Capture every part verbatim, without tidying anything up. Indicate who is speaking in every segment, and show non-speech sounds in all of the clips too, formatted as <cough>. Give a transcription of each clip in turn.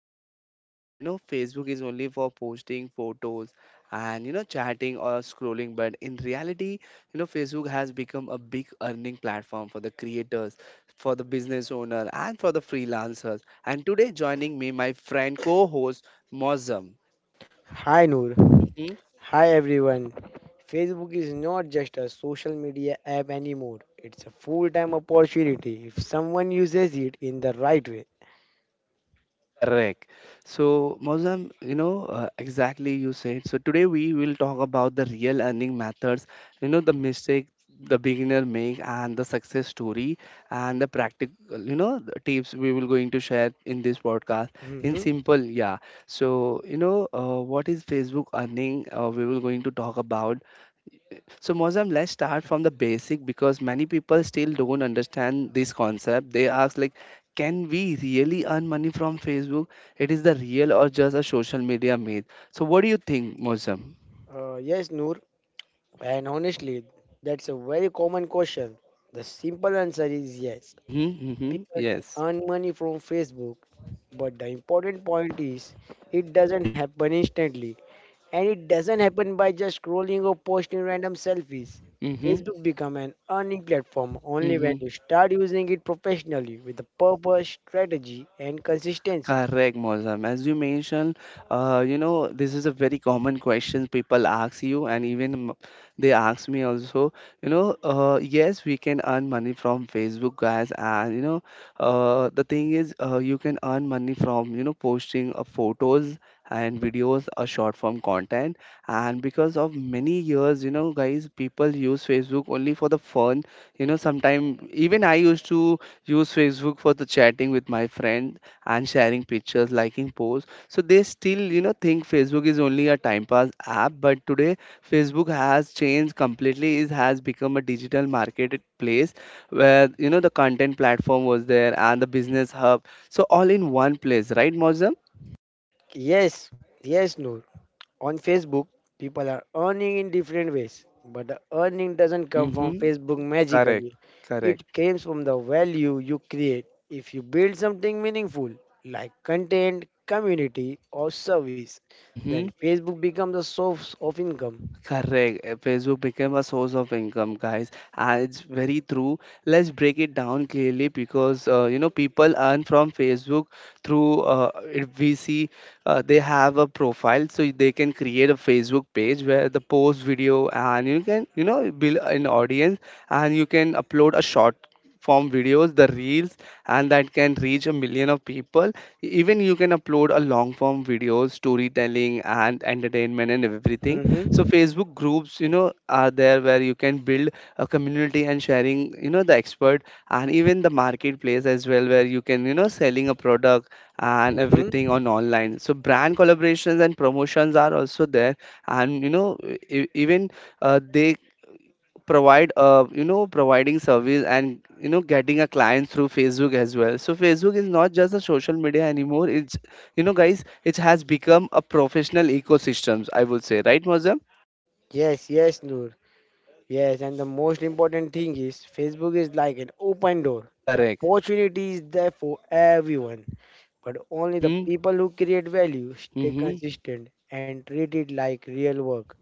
Speaker 1: think guys, uh, you know, Facebook is only for posting photos and you know chatting or scrolling but in reality, you know, Facebook has become a big earning platform for the creators, for the business owner and for the freelancers. And today joining me my friend co-host Mozam.
Speaker 2: Hi Noor.
Speaker 1: Mm-hmm.
Speaker 2: Hi everyone. Facebook is not just a social media app anymore. It's a full-time opportunity if someone uses it in the right way.
Speaker 1: Correct. So, Mozam, you know, uh, exactly you said. So, today we will talk about the real earning methods, you know, the mistake the beginner make and the success story and the practical, you know, the tips we will going to share in this podcast in
Speaker 2: hmm
Speaker 1: simple. Yeah. So, you know, uh, what is Facebook earning? Uh, we will going to talk about so Mozam, let's start from the basic because many people still don't understand this concept. They ask like, can we really earn money from Facebook? It is the real or just a social media myth. So what do you think, Mozam?
Speaker 2: Uh, yes, Noor. And honestly, that's a very common question. The simple answer is yes.
Speaker 1: Mm-hmm, mm-hmm,
Speaker 2: People
Speaker 1: yes.
Speaker 2: can earn money from Facebook, but the important point is it doesn't happen instantly. And it doesn't happen by just scrolling or posting random selfies.
Speaker 1: Mm-hmm,
Speaker 2: Facebook become an earning platform only when you
Speaker 1: mm-hmm.
Speaker 2: start using it professionally with a purpose, strategy, and consistency.
Speaker 1: Correct, Mozam. As you mentioned, uh, you know, this is a very common question people ask you, and even m- they ask me also, you know, uh, yes, we can earn money from Facebook, guys. And, you know, uh, the thing is, uh, you can earn money from, you know, posting uh, photos and videos, a short form content. And because of many years, you know, guys, people use Facebook only for the fun. You know, sometimes even I used to use Facebook for the chatting with my friend and sharing pictures, liking posts. So they still, you know, think Facebook is only a time pass app. But today, Facebook has changed completely. It has become a digital marketplace where you know the content platform was there and the business hub. So all in one place, right, Mozam?
Speaker 2: Yes, yes, Noor. On Facebook, people are earning in different ways, but the earning doesn't come from
Speaker 1: Mm-hmm.
Speaker 2: Facebook
Speaker 1: Correct.
Speaker 2: magically.
Speaker 1: Correct.
Speaker 2: It comes from the value you create. If you build something meaningful, like content, community, or service, then
Speaker 1: Mm-hmm.
Speaker 2: Facebook becomes a source of income.
Speaker 1: Correct. Uh, Facebook became a source of income, guys, and it's very true. Let's break it down clearly because uh, you know people earn from Facebook through. Uh, if we see, uh, they have a profile, so they can create a Facebook page where the post video, and you can you know build an audience, and you can upload a short form videos the reels, and that can reach a million of people. Even you can upload a long form videos, storytelling and entertainment and everything. So
Speaker 2: Mm-hmm.
Speaker 1: Facebook groups you know are there where you can build a community and sharing you know the expert, and even the marketplace as well where you can you know selling a product and
Speaker 2: Mm-hmm.
Speaker 1: everything on online. So brand collaborations and promotions are also there, and you know e- even uh, they provide uh, you know providing service and you know getting a client through Facebook as well. So Facebook is not just a social media anymore, it's you know guys, it has become a professional ecosystems, I would say, right, Moza?
Speaker 2: Yes, yes, Noor. Yes, and the most important thing is Facebook is like an open door. The
Speaker 1: Correct.
Speaker 2: opportunity is there for everyone. But only the
Speaker 1: Mhm.
Speaker 2: people who create value, stay
Speaker 1: Mhm.
Speaker 2: consistent, and treat it like real work.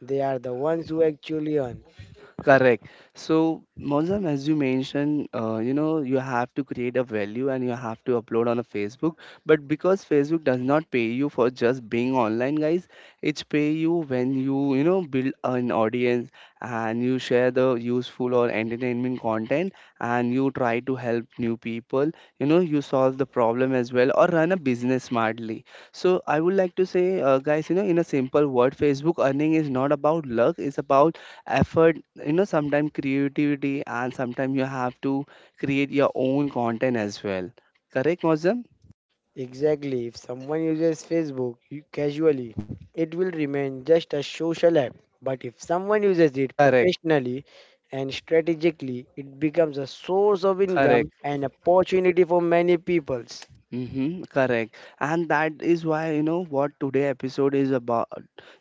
Speaker 2: They are the ones who actually earn.
Speaker 1: Correct. So, Mozam, as you mentioned, uh, you know, you have to create a value and you have to upload on a Facebook. But because Facebook does not pay you for just being online, guys, it pay you when you, you know, build an audience and you share the useful or entertainment content and you try to help new people. You know, you solve the problem as well or run a business smartly. So, I would like to say, uh, guys, you know, in a simple word, Facebook earning is not about luck; it's about effort, you know sometimes creativity, and sometimes you have to create your own content as well, correct Mozam?
Speaker 2: Exactly, if someone uses Facebook u- casually, it will remain just a social app. But if someone uses it
Speaker 1: Correct.
Speaker 2: professionally and strategically, it becomes a source of
Speaker 1: Correct.
Speaker 2: income and opportunity for many peoples.
Speaker 1: Mm-hmm, correct. And that is why, you know, what today episode is about,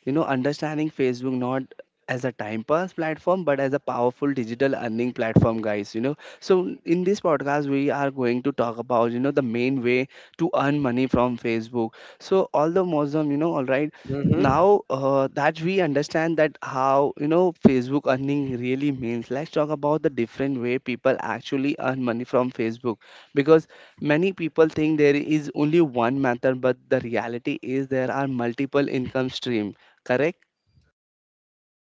Speaker 1: you know, understanding Facebook not as a time pass platform, but as a powerful digital earning platform, guys, you know. So in this podcast, we are going to talk about, you know, the main way to earn money from Facebook. So all the Muslim, you know, all right.
Speaker 2: Mhm.
Speaker 1: Now uh, that we understand that how you know Facebook earning really means, let's talk about the different way people actually earn money from Facebook because many people think there is only one method, but the reality is there are multiple income stream. Correct?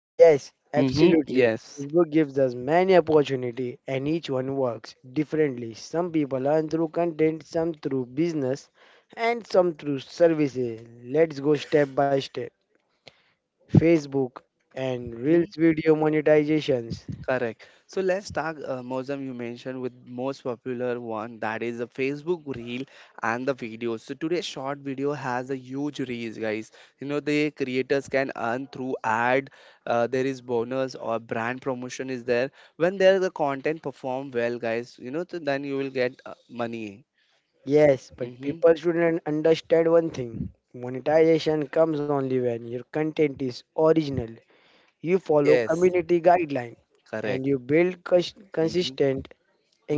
Speaker 2: Yes,
Speaker 1: Mm-hmm.
Speaker 2: absolutely.
Speaker 1: Yes.
Speaker 2: Facebook gives us many opportunity and each one works differently. Some people earn through content, some through business, and some through services. Let's go step by step. Facebook and Reels
Speaker 1: Mm-hmm.
Speaker 2: video monetizations.
Speaker 1: Correct. So let's talk, uh, Mozam, you mentioned with most popular one that is the Facebook reel and the videos. So today's short video has a huge reach, guys. You know the creators can earn through ad. Uh, there is bonus or brand promotion is there. When there the content perform well, guys, you know so then you will get uh, money.
Speaker 2: Yes, but
Speaker 1: Mm-hmm.
Speaker 2: people shouldn't understand one thing. Monetization comes only when your content is original, you follow
Speaker 1: Yes,
Speaker 2: community guideline, and
Speaker 1: correct.
Speaker 2: you build cus-
Speaker 1: Mhm,
Speaker 2: consistent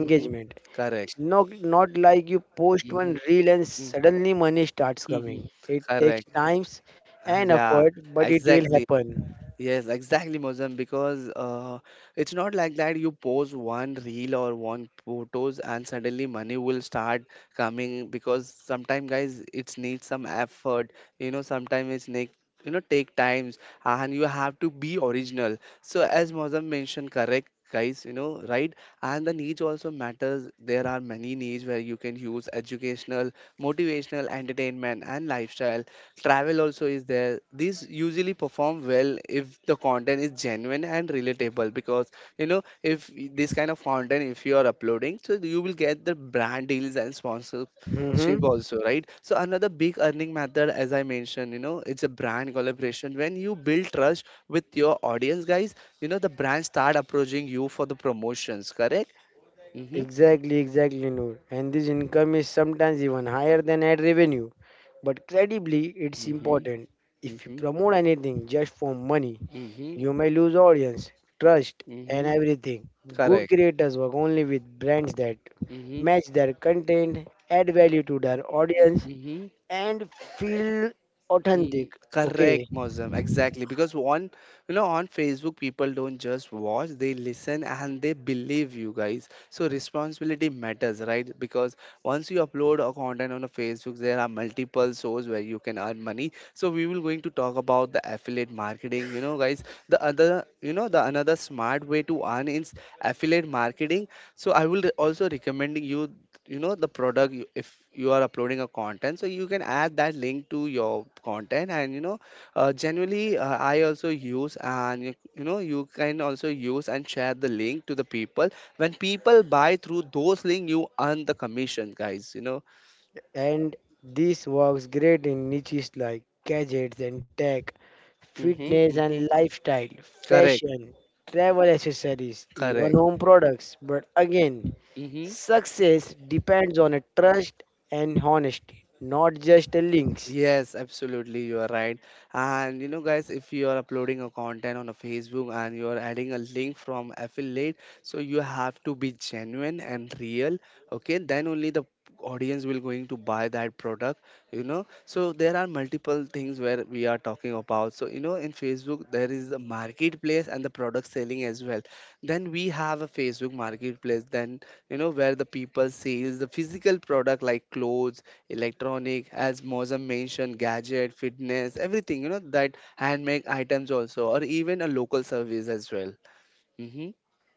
Speaker 1: mhm, correct.
Speaker 2: It's not not like you post one
Speaker 1: Mhm,
Speaker 2: reel and
Speaker 1: mm,
Speaker 2: suddenly money starts
Speaker 1: mhm,
Speaker 2: coming. It takes
Speaker 1: correct.
Speaker 2: times
Speaker 1: Ah,
Speaker 2: and
Speaker 1: yeah,
Speaker 2: effort, but it will
Speaker 1: exactly.
Speaker 2: happen.
Speaker 1: Yes, exactly, Mozam, because uh, it's not like that you post one reel or one photos and suddenly money will start coming because sometimes guys it needs some effort, you know, sometimes it's need you know take times, and you have to be original. So as Mozam mentioned, correct guys, you know, right? And the niche also matters. There are many niche where you can use educational, motivational, entertainment and lifestyle, travel also is there, these usually perform well if the content is genuine and relatable because you know if this kind of content if you are uploading so you will get the brand deals and sponsorship
Speaker 2: Mm-hmm.
Speaker 1: also, right? So another big earning method as I mentioned, you know it's a brand collaboration. When you build trust with your audience, guys, you know the brand start approaching you for the promotions, correct? Mm-hmm.
Speaker 2: Exactly, exactly, Noor. And this income is sometimes even higher than ad revenue. But credibly, it's
Speaker 1: Mm-hmm.
Speaker 2: important. If you
Speaker 1: Mm-hmm.
Speaker 2: promote anything just for money,
Speaker 1: Mm-hmm.
Speaker 2: you may lose audience, trust, and
Speaker 1: Mm-hmm.
Speaker 2: everything. Good
Speaker 1: Correct.
Speaker 2: creators work only with brands that
Speaker 1: Mm-hmm.
Speaker 2: match their content, add value to their audience,
Speaker 1: Mm-hmm.
Speaker 2: and feel authentic.
Speaker 1: Mhm.
Speaker 2: Okay,
Speaker 1: Correct, Mosam. Exactly. Because on, you know, on Facebook, people don't just watch, they listen and they believe you, guys. So responsibility matters, right? Because once you upload a content on a Facebook, there are multiple sources where you can earn money. So we will going to talk about the affiliate marketing. You know, guys, the other, you know, the another smart way to earn is affiliate marketing. So I will also recommending you you know the product you, if you are uploading a content so you can add that link to your content and you know uh, generally uh, I also use, and you, you know you can also use and share the link to the people. When people buy through those link you earn the commission, guys you know
Speaker 2: and this works great in niches like gadgets and tech,
Speaker 1: Mm-hmm,
Speaker 2: fitness
Speaker 1: mm-hmm.
Speaker 2: and lifestyle,
Speaker 1: Correct.
Speaker 2: fashion, travel accessories, even
Speaker 1: Correct.
Speaker 2: home products. But again,
Speaker 1: Mm-hmm.
Speaker 2: success depends on a trust and honesty, not just a links.
Speaker 1: Yes, absolutely, you are right. And you know, guys, if you are uploading a content on a Facebook and you are adding a link from affiliate, so you have to be genuine and real. Okay, then only the audience will going to buy that product. You know, so there are multiple things where we are talking about. So you know, in Facebook there is the marketplace and the product selling as well. Then we have a Facebook marketplace. Then you know where the people sales the physical product like clothes, electronic, as Mozam mentioned, gadget, fitness, everything, you know, that handmade items also, or even a local service as well. Hmm.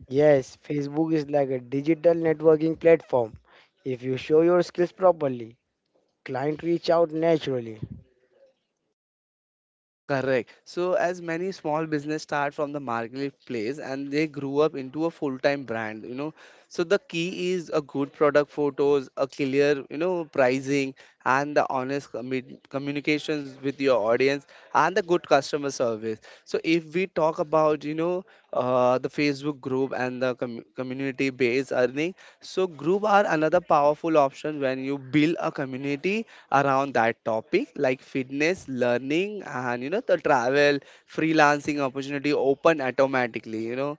Speaker 2: Yes, Facebook is like a digital networking platform. If you show your skills properly, client reach out naturally.
Speaker 1: Correct. So, as many small business start from the marketplace and they grew up into a full-time brand, you know. So the key is a good product photos, a clear, you know, pricing, and the honest commu- communications with your audience, and the good customer service. So if we talk about, you know, uh, the Facebook group and the com- community-based earning, so group are another powerful option. When you build a community around that topic like fitness, learning, and you know, the travel, freelancing opportunity open automatically, you know.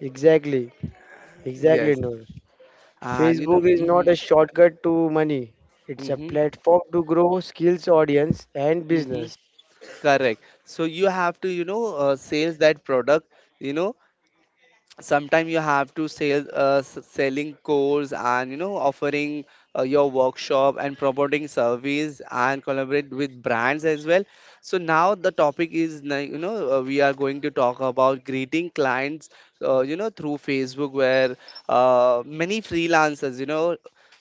Speaker 2: Exactly. Exactly,
Speaker 1: Yes.
Speaker 2: Noor.
Speaker 1: And you know,
Speaker 2: Facebook is not
Speaker 1: mhm,
Speaker 2: a shortcut to money. It's a
Speaker 1: mhm,
Speaker 2: platform to grow skills, audience, and
Speaker 1: mhm,
Speaker 2: business.
Speaker 1: correct. So you have to, you know, uh, sales that product, you know, sometimes you have to sell uh, s- selling course and you know offering uh, your workshop and promoting service and collaborate with brands as well. So now the topic is like, you know uh, we are going to talk about greeting clients uh, you know through Facebook, where uh, many freelancers you know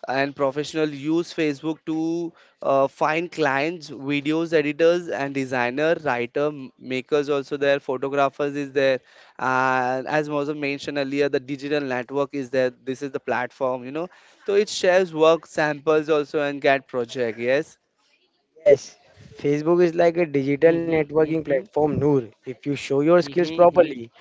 Speaker 1: and professional use Facebook to uh, find clients, videos editors and designer writer m- makers also there, photographers is there. And as Mozam mentioned earlier, the digital network is there, this is the platform, you know so it shares work samples also and get project. Yes.
Speaker 2: Yes, Facebook is like a digital
Speaker 1: Mm-hmm,
Speaker 2: networking
Speaker 1: mm-hmm,
Speaker 2: platform, Noor. If you show your
Speaker 1: mm-hmm.
Speaker 2: skills
Speaker 1: Mm-hmm.
Speaker 2: properly,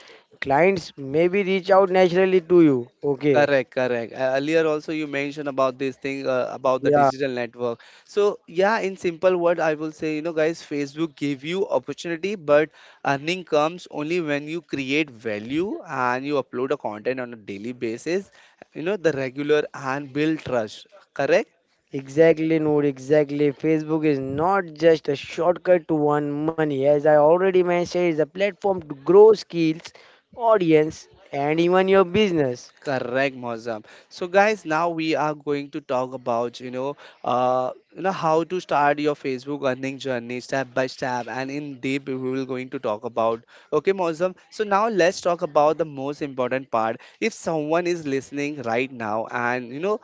Speaker 2: clients maybe reach out naturally to you. Okay,
Speaker 1: Correct. Correct. Uh, earlier also you mentioned about this thing uh, about the
Speaker 2: yeah,
Speaker 1: digital network, so yeah, in simple word I will say, you know guys, Facebook give you opportunity but earning comes only when you create value and you upload a content on a daily basis, you know the regular, and build trust, correct?
Speaker 2: exactly, Noor, exactly. Facebook is not just a shortcut to earn money. As I already mentioned, it's a platform to grow skills, audience, and even your business.
Speaker 1: Correct, Mozam. So, guys, now we are going to talk about you know, uh, you know how to start your Facebook earning journey step by step, and in deep we will going to talk about. Okay, Mozam. So now let's talk about the most important part. If someone is listening right now and you know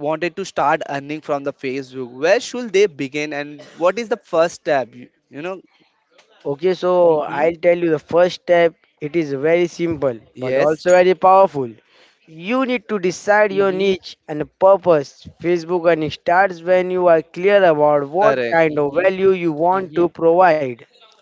Speaker 1: wanted to start earning from the Facebook, where should they begin, and what is the first step? You, you know.
Speaker 2: Okay, so
Speaker 1: Hmm.
Speaker 2: I'll tell you the first step. It is very simple but
Speaker 1: Yes.
Speaker 2: also very powerful. You need to decide your
Speaker 1: Hmm.
Speaker 2: niche and purpose. Facebook earning starts when you are clear about what
Speaker 1: Correct.
Speaker 2: kind of
Speaker 1: Hmm.
Speaker 2: value you want to provide.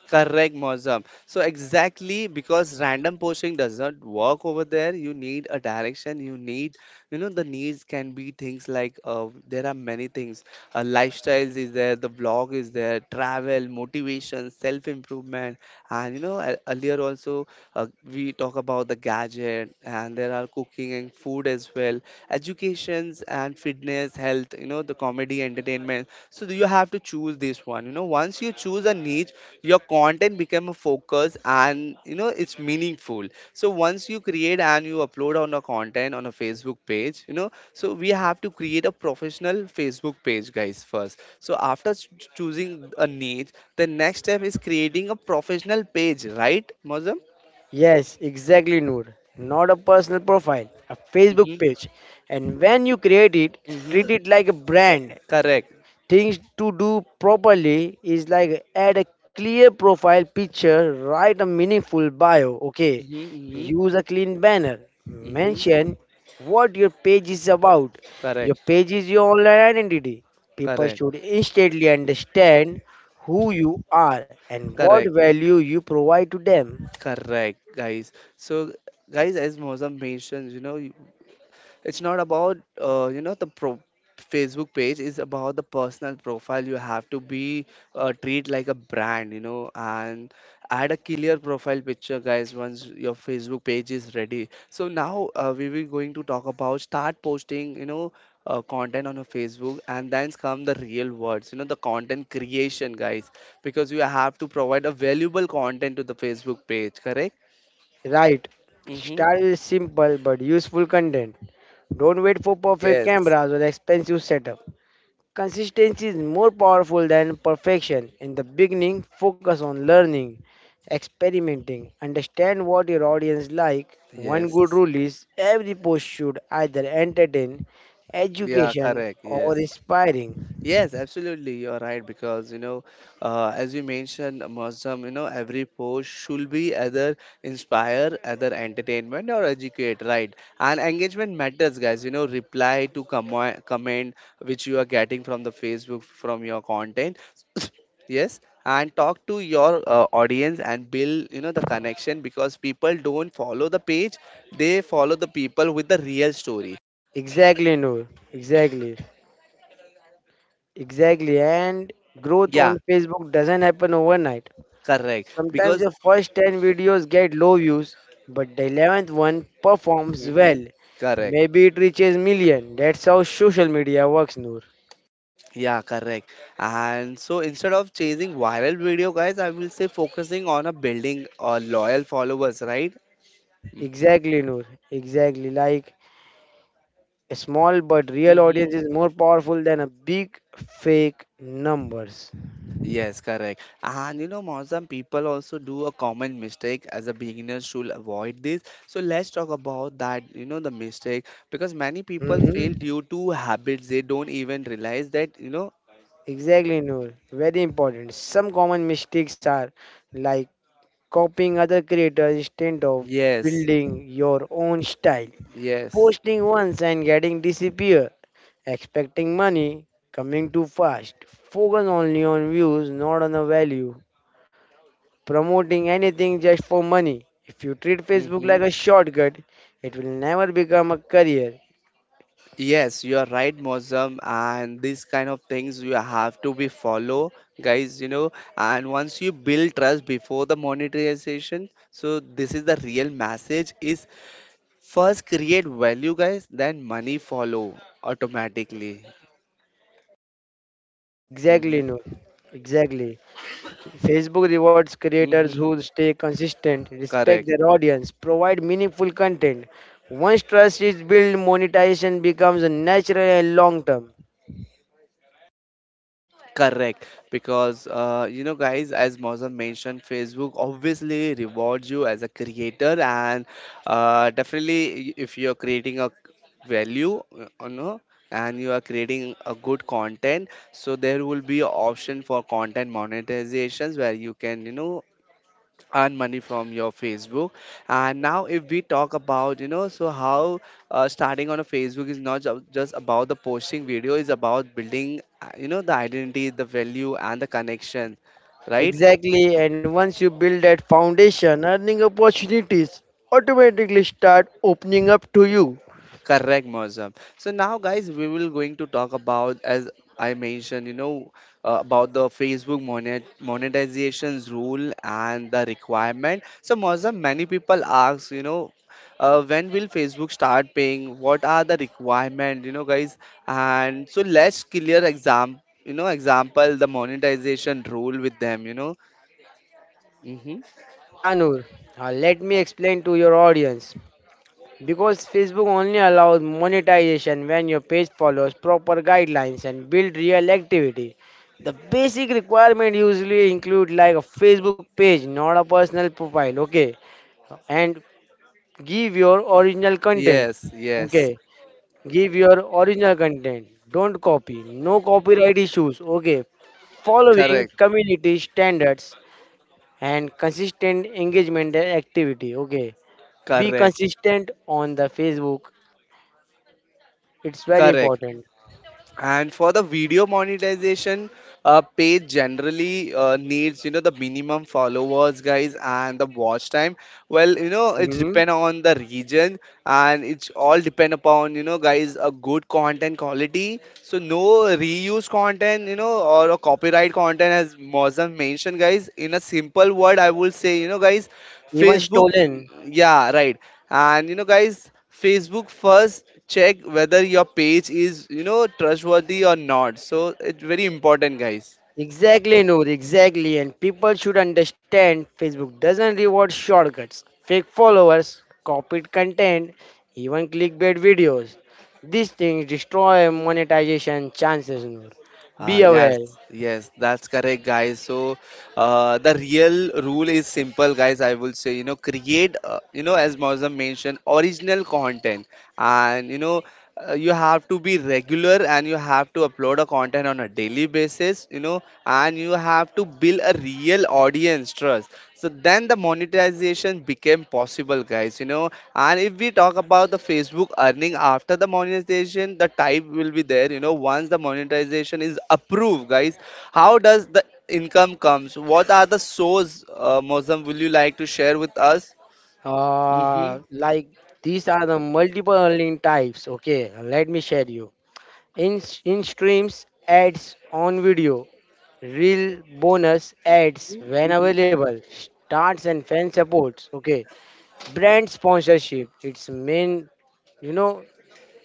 Speaker 1: Correct, Mozam. So exactly, because random posting does not work over there. You need a direction. You need, you know, the needs can be things like, uh, there are many things. Uh, lifestyles is there, the blog is there, travel, motivation, self improvement, and you know e- earlier also uh, we talk about the gadget, and there are cooking and food as well, educations and fitness, health. You know, the comedy, entertainment. So you have to choose this one. You know, once you choose a niche, your content become a focus and you know it's meaningful. So once you create and you upload on a content on a Facebook page, you know, so we have to create a professional Facebook page, guys, first. So after ch- choosing a niche, the next step is creating a professional page, right, Mozam?
Speaker 2: Yes, exactly, Noor. Not a personal profile, a Facebook
Speaker 1: Mm-hmm,
Speaker 2: page. And when you create it,
Speaker 1: mm-hmm.
Speaker 2: treat it like a brand.
Speaker 1: Correct.
Speaker 2: Things to do properly is like add a clear profile picture, write a meaningful bio, okay?
Speaker 1: Mm-hmm, mm-hmm,
Speaker 2: Use a clean banner,
Speaker 1: mm-hmm.
Speaker 2: mention what your page is about. Your
Speaker 1: Correct.
Speaker 2: page is your online identity. People
Speaker 1: Correct.
Speaker 2: should instantly understand who you are and what
Speaker 1: Correct.
Speaker 2: value you provide to them,
Speaker 1: Correct, guys. So, guys, as Mozam mentioned, you know, it's not about uh, you know, the pro- Facebook page is about the personal profile. You have to be uh, treat like a brand, you know, and add a clear profile picture, guys. Once your Facebook page is ready, so now uh, we will going to talk about start posting, you know, uh, content on a Facebook, and then come the real words, you know, the content creation, guys, because you have to provide a valuable content to the Facebook page, correct?
Speaker 2: right?
Speaker 1: Mm-hmm.
Speaker 2: Start with simple but useful content. Don't wait for perfect
Speaker 1: Yes,
Speaker 2: cameras or expensive setup. Consistency is more powerful than perfection. In the beginning, focus on learning, experimenting, understand what your audience like. One good
Speaker 1: yes,
Speaker 2: rule is every post should either entertain,
Speaker 1: yeah,
Speaker 2: education
Speaker 1: correct,
Speaker 2: or
Speaker 1: yes.
Speaker 2: inspiring.
Speaker 1: Yes, absolutely. You're right, because you know, uh, as you mentioned, Muslim, you know, every post should be either inspire, either entertainment or educate, right? And engagement matters, guys. You know, reply to commo- comment which you are getting from the Facebook from your content. <coughs> Yes, and talk to your uh, audience and build, you know, the connection, because people don't follow the page; they follow the people with the real story.
Speaker 2: Exactly, Noor. Exactly. Exactly. And growth
Speaker 1: Yeah,
Speaker 2: on Facebook doesn't happen overnight.
Speaker 1: correct.
Speaker 2: Sometimes the
Speaker 1: Because.
Speaker 2: first ten videos get low views, but the eleventh one performs
Speaker 1: Mhm.
Speaker 2: well.
Speaker 1: Correct.
Speaker 2: Maybe it reaches million. That's how social media works, Noor.
Speaker 1: Yeah, correct. And so instead of chasing viral video, guys, I will say focusing on a building uh, loyal followers, right?
Speaker 2: Exactly, Noor. Exactly. Like a small but real
Speaker 1: Mm-hmm.
Speaker 2: audience is more powerful than a big fake numbers.
Speaker 1: Yes, correct. And you know, Mausam, people also do a common mistake as a beginner should avoid this. So let's talk about that, you know, the mistake, because many people fail
Speaker 2: Mm-hmm.
Speaker 1: due to habits they don't even realize that, you know.
Speaker 2: Exactly, Noor. Very important. Some common mistakes are like copying other creators instead of
Speaker 1: Yes,
Speaker 2: building your own style,
Speaker 1: yes.
Speaker 2: posting once and getting disappear, expecting money coming too fast, focus only on views, not on the value, promoting anything just for money. If you treat Facebook like
Speaker 1: Mm-hmm.
Speaker 2: a shortcut, it will never become a career.
Speaker 1: Yes, you are right, Mozam, and these kind of things you have to be follow, guys. You know, and once you build trust before the monetization, so this is the real message: is first create value, guys, then money follow automatically.
Speaker 2: Exactly,
Speaker 1: Hmm.
Speaker 2: no. Exactly. Facebook rewards creators
Speaker 1: Hmm.
Speaker 2: who stay consistent, respect
Speaker 1: Correct.
Speaker 2: their audience, provide meaningful content. Once trust is built, monetization becomes a natural and long term.
Speaker 1: Correct, because uh, you know, guys, as Mozam mentioned, Facebook obviously rewards you as a creator, and uh, definitely, i- if you're creating a value, uh, you know, and you are creating a good content, so there will be an option for content monetizations where you can, you know, earn money from your Facebook. And now if we talk about, you know, so how uh, starting on a Facebook is not ju- just about the posting video, is about building uh, you know, the identity, the value and the connection, right?
Speaker 2: Exactly, and once you build that foundation, earning opportunities automatically start opening up to you.
Speaker 1: Correct, Mozam. So now, guys, we will going to talk about, as I mentioned, you know, uh, about the Facebook monet monetizations rule and the requirement. So, Mozam, many people ask, you know, uh, when will Facebook start paying? What are the requirement, you know, guys? And so let's clear exam, you know, example the monetization rule with them, you know. Mm-hmm.
Speaker 2: Yeah, Noor, uh, let me explain to your audience. Because Facebook only allows monetization when your page follows proper guidelines and build real activity. The basic requirement usually include like a Facebook page, not a personal profile, okay? And give your original content.
Speaker 1: Yes, yes.
Speaker 2: Okay. Give your original content. Don't copy. No copyright issues. Okay. Following
Speaker 1: Correct,
Speaker 2: community standards and consistent engagement and activity. Okay. Be
Speaker 1: correct,
Speaker 2: consistent on the Facebook. It's very
Speaker 1: correct.
Speaker 2: important.
Speaker 1: And for the video monetization, uh, page generally uh, needs, you know, the minimum followers, guys, and the watch time. Well, you know, it
Speaker 2: hmm
Speaker 1: depend on the region, and it's all depend upon, you know, guys, a good content quality, so no reuse content, you know, or a copyright content, as Mozam mentioned, guys. In a simple word, I will say, you know, guys,
Speaker 2: Even
Speaker 1: Facebook,
Speaker 2: stolen.
Speaker 1: yeah, right. And you know, guys, Facebook first check whether your page is, you know, trustworthy or not. So it's very important, guys.
Speaker 2: Exactly, Noor, exactly. And people should understand Facebook doesn't reward shortcuts, fake followers, copied content, even clickbait videos. These things destroy monetization chances, Noor.
Speaker 1: Ah,
Speaker 2: Be
Speaker 1: yes,
Speaker 2: aware.
Speaker 1: yes, that's correct, guys. So, uh, the real rule is simple, guys. I will say, you know, create, uh, you know, as Mausam mentioned, original content, and you know, uh, you have to be regular and you have to upload a content on a daily basis, you know, and you have to build a real real audience trust. So then the monetization became possible, guys. You know, and if we talk about the Facebook earning after the monetization, the type will be there. You know, once the monetization is approved, guys, how does the income comes? What are the source, uh, Mozam? Will you like to share with us?
Speaker 2: Uh, like these are the multiple earning types. Okay, let me share you. In,
Speaker 1: Yeah.
Speaker 2: in streams, ads on video, real bonus ads when
Speaker 1: Hmm.
Speaker 2: available, starts and fan supports. Okay, brand sponsorship its main, you know,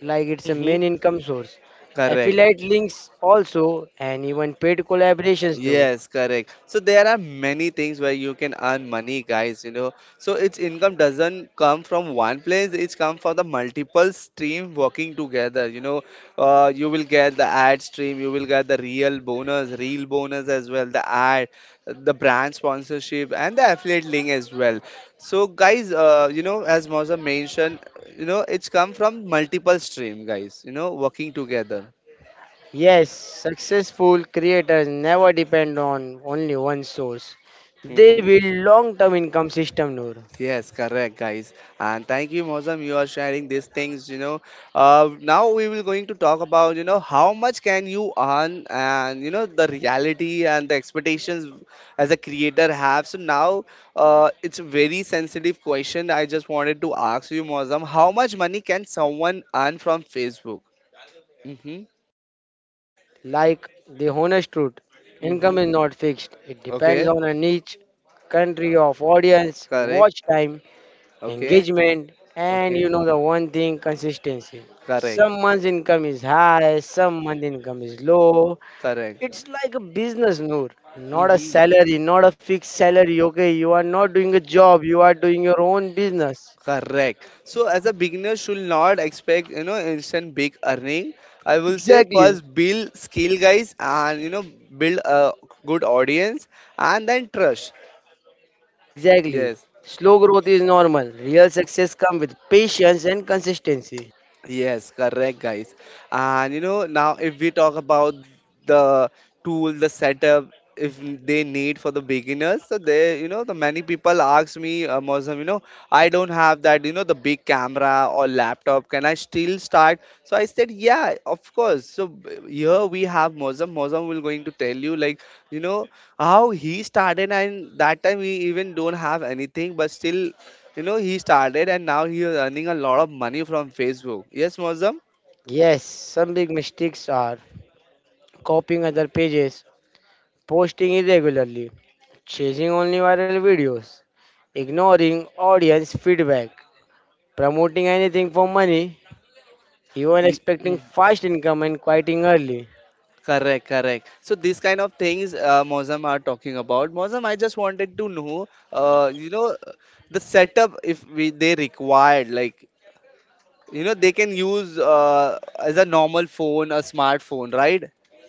Speaker 2: like it's a
Speaker 1: Hmm.
Speaker 2: main income source,
Speaker 1: Correct.
Speaker 2: affiliate links also and even paid collaborations, Noor.
Speaker 1: Yes, correct. So there are many things where you can earn money, guys, you know. So its income doesn't come from one place, it's come from the multiple stream working together, you know. Uh, you will get the ad stream, you will get the real bonus, real bonus as well, the ad, the brand sponsorship and the affiliate link as well. So guys, uh, you know, as Moza mentioned, you know, it's come from multiple stream, guys, you know, working together.
Speaker 2: Yes, successful creators never depend on only one source. They build long term income system, Noor.
Speaker 1: Yes, correct, guys. And thank you, Mozam. You are sharing these things. You know, uh, now we will going to talk about, you know, how much can you earn and you know the reality and the expectations as a creator have. So now uh, it's a very sensitive question. I just wanted to ask you, Mozam, how much money can someone earn from Facebook? Mm-hmm.
Speaker 2: Like the honest truth,
Speaker 1: Mm-hmm.
Speaker 2: income is not fixed. It depends
Speaker 1: Okay.
Speaker 2: on a niche, country of audience,
Speaker 1: Correct.
Speaker 2: watch time,
Speaker 1: Okay.
Speaker 2: engagement, and you
Speaker 1: Okay.
Speaker 2: know the one thing, consistency.
Speaker 1: Correct.
Speaker 2: Some months income is high, some month income is low.
Speaker 1: Correct.
Speaker 2: It's like a business, Noor, not a
Speaker 1: Mm-hmm.
Speaker 2: salary, not a fixed salary. Okay, you are not doing a job, you are doing your own business.
Speaker 1: Correct. So as a beginner should not expect, you know, instant big earning. I will say
Speaker 2: Exactly,
Speaker 1: first build skill, guys, and you know build a good audience and then trust.
Speaker 2: exactly.
Speaker 1: Yes.
Speaker 2: Slow growth is normal. Real success comes with patience and consistency.
Speaker 1: Yes, correct, guys. And you know, now if we talk about the tool, the setup, if they need for the beginners, so they, you know, the many people ask me, uh, Mozam, you know, I don't have that, you know, the big camera or laptop. Can I still start? So I said, yeah, of course. So b- here we have Mozam. Mozam will going to tell you, like, you know, how he started, and that time we even don't have anything, but still you know, he started and now he is earning a lot of money from Facebook. Yes, Mozam?
Speaker 2: Yes, some big mistakes are copying other pages, posting irregularly, chasing only viral videos, ignoring audience feedback, promoting anything for money, even
Speaker 1: Y-
Speaker 2: expecting
Speaker 1: mm.
Speaker 2: fast income and quitting early.
Speaker 1: Correct, correct. So these kind of things uh, Mozam are talking about. Mozam, I just wanted to know, uh, you know, the setup if we they required, like, you know, they can use uh, as a normal phone, a smartphone, right?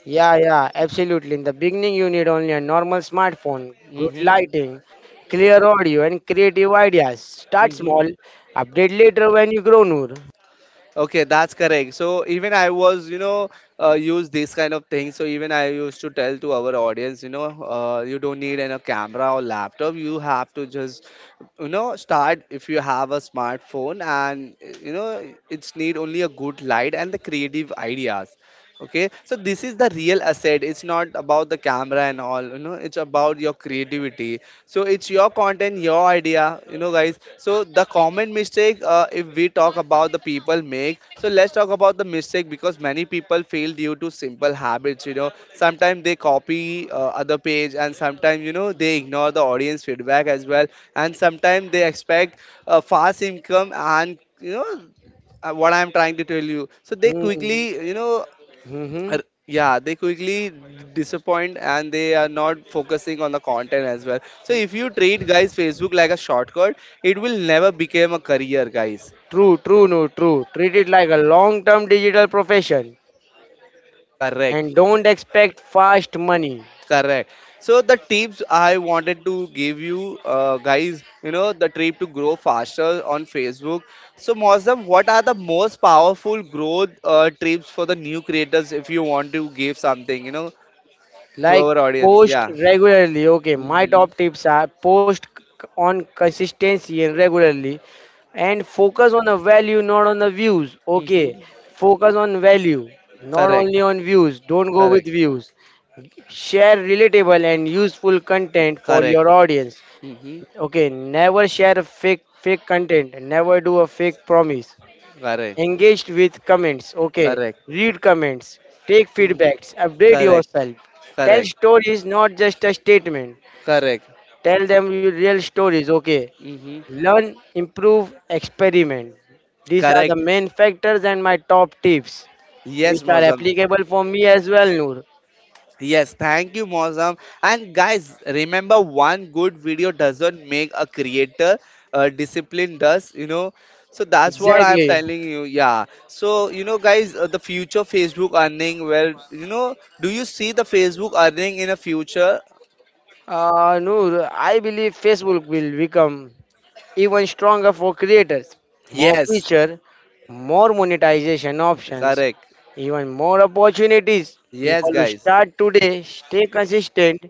Speaker 2: Yeah, yeah, absolutely. In the beginning, you need only a normal smartphone, good
Speaker 1: Mm-hmm.
Speaker 2: lighting, clear audio, and creative ideas. Start
Speaker 1: Mm-hmm.
Speaker 2: small, update later when you grow, Noor.
Speaker 1: Okay, that's correct. So even I was, you know, uh, use these kind of things. So even I used to tell to our audience, you know, uh, you don't need an, a camera or laptop. You have to just, you know, start if you have a smartphone, and you know, it's need only a good light and the creative ideas. Okay, so this is the real asset. It's not about the camera and all. You know, it's about your creativity. So it's your content, your idea, you know, guys. So the common mistake, uh, if we talk about the people make, so let's talk about the mistake, because many people fail due to simple habits, you know. Sometimes they copy uh, other page, and sometimes you know they ignore the audience feedback as well, and sometimes they expect uh, fast income, and you know, uh, what I'm trying to tell you, so they
Speaker 2: Mm-hmm.
Speaker 1: quickly, you know, Ar- yeah, they quickly disappoint and they are not focusing on the content as well. So if you treat, guys, Facebook like a shortcut, it will never become a career, guys.
Speaker 2: True, true, no, true. Treat it like a long term digital profession
Speaker 1: Correct.
Speaker 2: and don't expect fast money.
Speaker 1: Correct. So the tips I wanted to give you, uh, guys, you know, the trip to grow faster on Facebook. So Mozam, what are the most powerful growth uh, tips for the new creators, if you want to give something, you know, to
Speaker 2: Like
Speaker 1: our audience?
Speaker 2: post
Speaker 1: Yeah.
Speaker 2: regularly. Okay, my
Speaker 1: Hmm.
Speaker 2: top tips are post c- on consistency and regularly and focus on the value, not on the views. Okay,
Speaker 1: Hmm.
Speaker 2: focus on value, not
Speaker 1: Correct.
Speaker 2: only on views. Don't go with
Speaker 1: Correct.
Speaker 2: views. Share relatable and useful content for
Speaker 1: Correct.
Speaker 2: your audience.
Speaker 1: Mm-hmm.
Speaker 2: Okay, never share fake fake content. Never do a fake promise.
Speaker 1: Correct.
Speaker 2: Engaged with comments. Okay.
Speaker 1: Correct.
Speaker 2: Read comments. Take
Speaker 1: Mm-hmm.
Speaker 2: feedbacks. Update
Speaker 1: Correct.
Speaker 2: yourself. Tell
Speaker 1: Correct.
Speaker 2: stories, not just a statement.
Speaker 1: Correct.
Speaker 2: Tell them your real stories. Okay.
Speaker 1: Mm-hmm.
Speaker 2: Learn, improve, experiment. These are the
Speaker 1: Correct.
Speaker 2: main factors and my top tips,
Speaker 1: Yes,
Speaker 2: which are
Speaker 1: Mozam.
Speaker 2: applicable for me as well, Noor.
Speaker 1: Yes, thank you, Mozam. And guys, remember, one good video doesn't make a creator, uh, discipline does, you know. So that's what I'm
Speaker 2: Exactly.
Speaker 1: telling you. Yeah. So, you know, guys, uh, the future Facebook earning, well, you know, do you see the Facebook earning in a future?
Speaker 2: Uh, Noor, I believe Facebook will become even stronger for creators. More
Speaker 1: Yes,
Speaker 2: feature, more monetization options,
Speaker 1: correct.
Speaker 2: even more opportunities.
Speaker 1: Yes,
Speaker 2: People who
Speaker 1: guys,
Speaker 2: start today, stay consistent,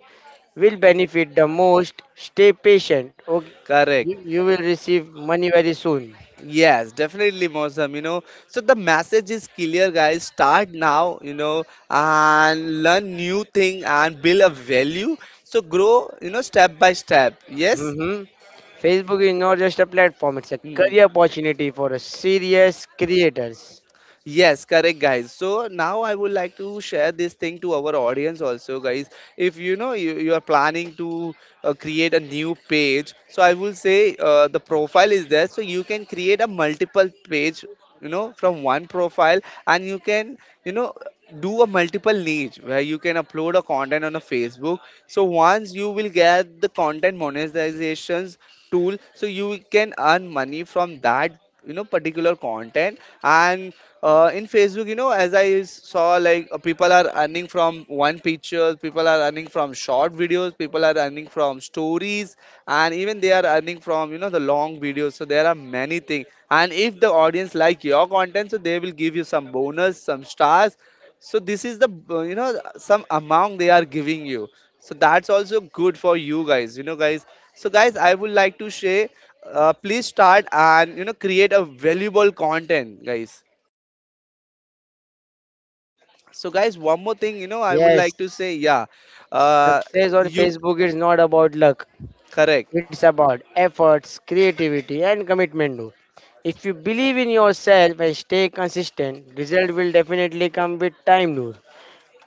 Speaker 2: will benefit the most. Stay patient. Okay, you,
Speaker 1: correct.
Speaker 2: you will receive money very soon.
Speaker 1: Yes, definitely, Mosam. You know, so the message is clear, guys. Start now, you know, and learn new thing and build a value. So grow, you know, step by step. Yes.
Speaker 2: hmm Facebook is not just a platform; it's a career
Speaker 1: Mm-hmm.
Speaker 2: opportunity for a serious creators.
Speaker 1: Yes, correct, guys. So now I would like to share this thing to our audience also, guys. If you know you, you are planning to uh, create a new page, so I will say uh, the profile is there, so you can create a multiple page, you know, from one profile, and you can, you know, do a multiple niche where you can upload a content on a Facebook. So once you will get the content monetizations tool, so you can earn money from that you know particular content. And uh, in Facebook, you know as I saw, like uh, people are earning from one picture, people are earning from short videos, people are earning from stories, and even they are earning from you know the long videos. So there are many things, and if the audience like your content, so they will give you some bonus, some stars. So this is the uh, you know some amount they are giving you, so that's also good for you guys, you know guys. So guys, I would like to share, uh, please start and you know create a valuable content, guys. So, guys, one more thing, you know, I would
Speaker 2: Yes,
Speaker 1: like to say. Yeah. uh,
Speaker 2: success on
Speaker 1: you
Speaker 2: Facebook is not about luck.
Speaker 1: Correct.
Speaker 2: It's about efforts, creativity, and commitment, though. If you believe in yourself and stay consistent, result will definitely come with time, Noor.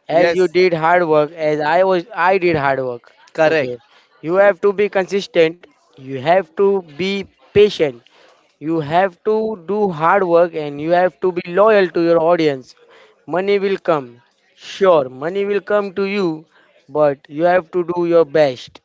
Speaker 2: As you
Speaker 1: Yes,
Speaker 2: did hard work, as I was, I did hard work. Okay,
Speaker 1: correct.
Speaker 2: you have to be consistent. You have to be patient. You have to do hard work, and you have to be loyal to your audience. Money will come. Sure, money will come to you, but you have to do your best.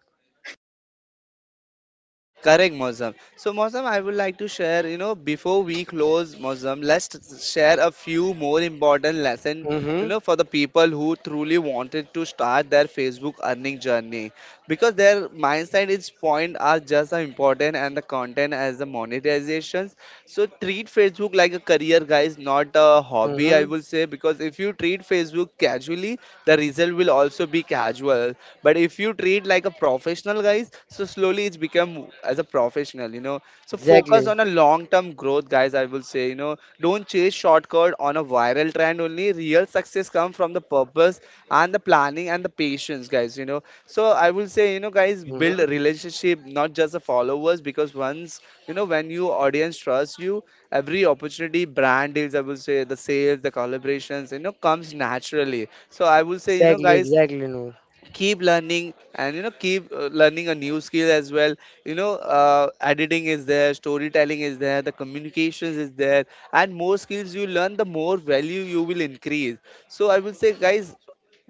Speaker 1: Correct, Mozam. So, Mozam, I would like to share, you know, before we close, Mozam, let's t- share a few more important lesson, you
Speaker 2: Mm-hmm.
Speaker 1: know, for the people who truly wanted to start their Facebook earning journey. Because their mindset is point are just as important and the content as the monetizations. So treat Facebook like a career, guys, not a hobby, I
Speaker 2: Mm-hmm.
Speaker 1: will say. Because if you treat Facebook casually, the result will also be casual, but if you treat like a professional, guys, so slowly it's become as a professional you know So focus
Speaker 2: Exactly.
Speaker 1: on a long term growth, guys, I will say you know Don't chase shortcut on a viral trend. Only real success comes from the purpose and the planning and the patience, guys you know So I will say, you know guys, build
Speaker 2: Mm-hmm.
Speaker 1: relationship, not just the followers, because once you know when you audience trusts you, every opportunity, brand deals, I will say, the sales, the collaborations, you know comes naturally. So I will say, you know
Speaker 2: Exactly.
Speaker 1: guys,
Speaker 2: Exactly. No.
Speaker 1: keep learning, and you know keep uh, learning a new skill as well. You know uh, editing is there, storytelling is there, the communications is there, and more skills you learn, the more value you will increase. So I will say, guys,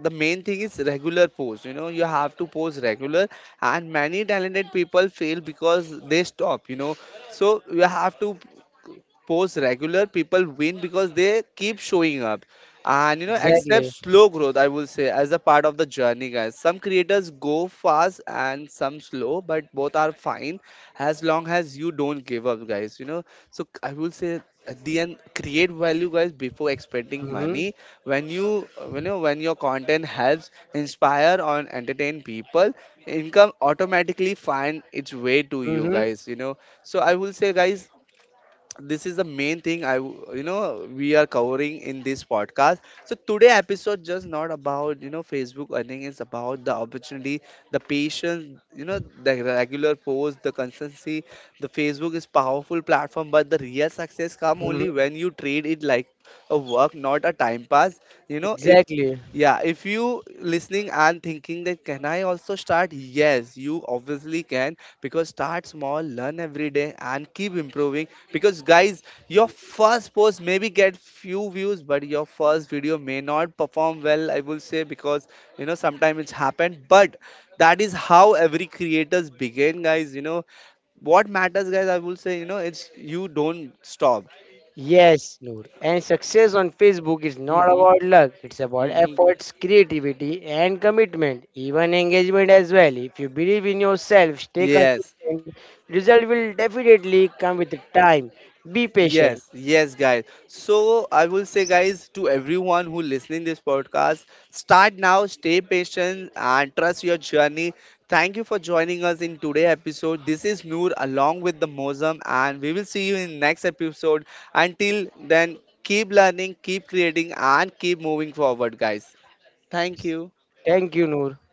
Speaker 1: the main thing is regular post. You know you have to post regular, and many talented people fail because they stop you know So you have to post regular. People win because they keep showing up, and you know accept
Speaker 2: Exactly.
Speaker 1: slow growth, I will say, as a part of the journey, guys. Some creators go fast and some slow, but both are fine, as long as you don't give up, guys you know So c- I will say, at the end, create value, guys, before expecting
Speaker 2: Mm-hmm.
Speaker 1: money. When you you know when your content helps inspire or entertain people, income automatically find its way to you,
Speaker 2: Mm-hmm.
Speaker 1: guys you know So I will say, guys, this is the main thing I w- you know we are covering in this podcast. So today episode just not about you know Facebook earning. It's about the opportunity, the patience you know the regular post, the consistency. The Facebook is powerful platform, but the real success come
Speaker 2: Mm-hmm.
Speaker 1: only when you treat it like a work, not a time pass. You know if
Speaker 2: Exactly.
Speaker 1: Yeah, if you listening and thinking that can I also start, yes, you obviously can. Because start small, learn every day, and keep improving. Because, guys, your first post maybe get few views, but your first video may not perform well, I will say, because you know sometimes it's happened, but that is how every creators begin, guys you know What matters, guys, I will say, you know it's you don't stop.
Speaker 2: Yes, Noor. And success on Facebook is
Speaker 1: Hmm,
Speaker 2: not about luck. It's about
Speaker 1: hmm.
Speaker 2: efforts, creativity, and commitment. Even engagement as well. If you believe in yourself, stay
Speaker 1: Yes.
Speaker 2: consistent. Result will definitely come with time. Be
Speaker 1: Yes,
Speaker 2: patient.
Speaker 1: yes, guys. So I will say, guys, to everyone who listening this podcast, start now, stay patient, and trust your journey. Thank you for joining us in today episode. This is Noor along with the Mozam, and we will see you in next episode. Until then, keep learning, keep creating, and keep moving forward, guys. Thank you.
Speaker 2: Thank you, Noor.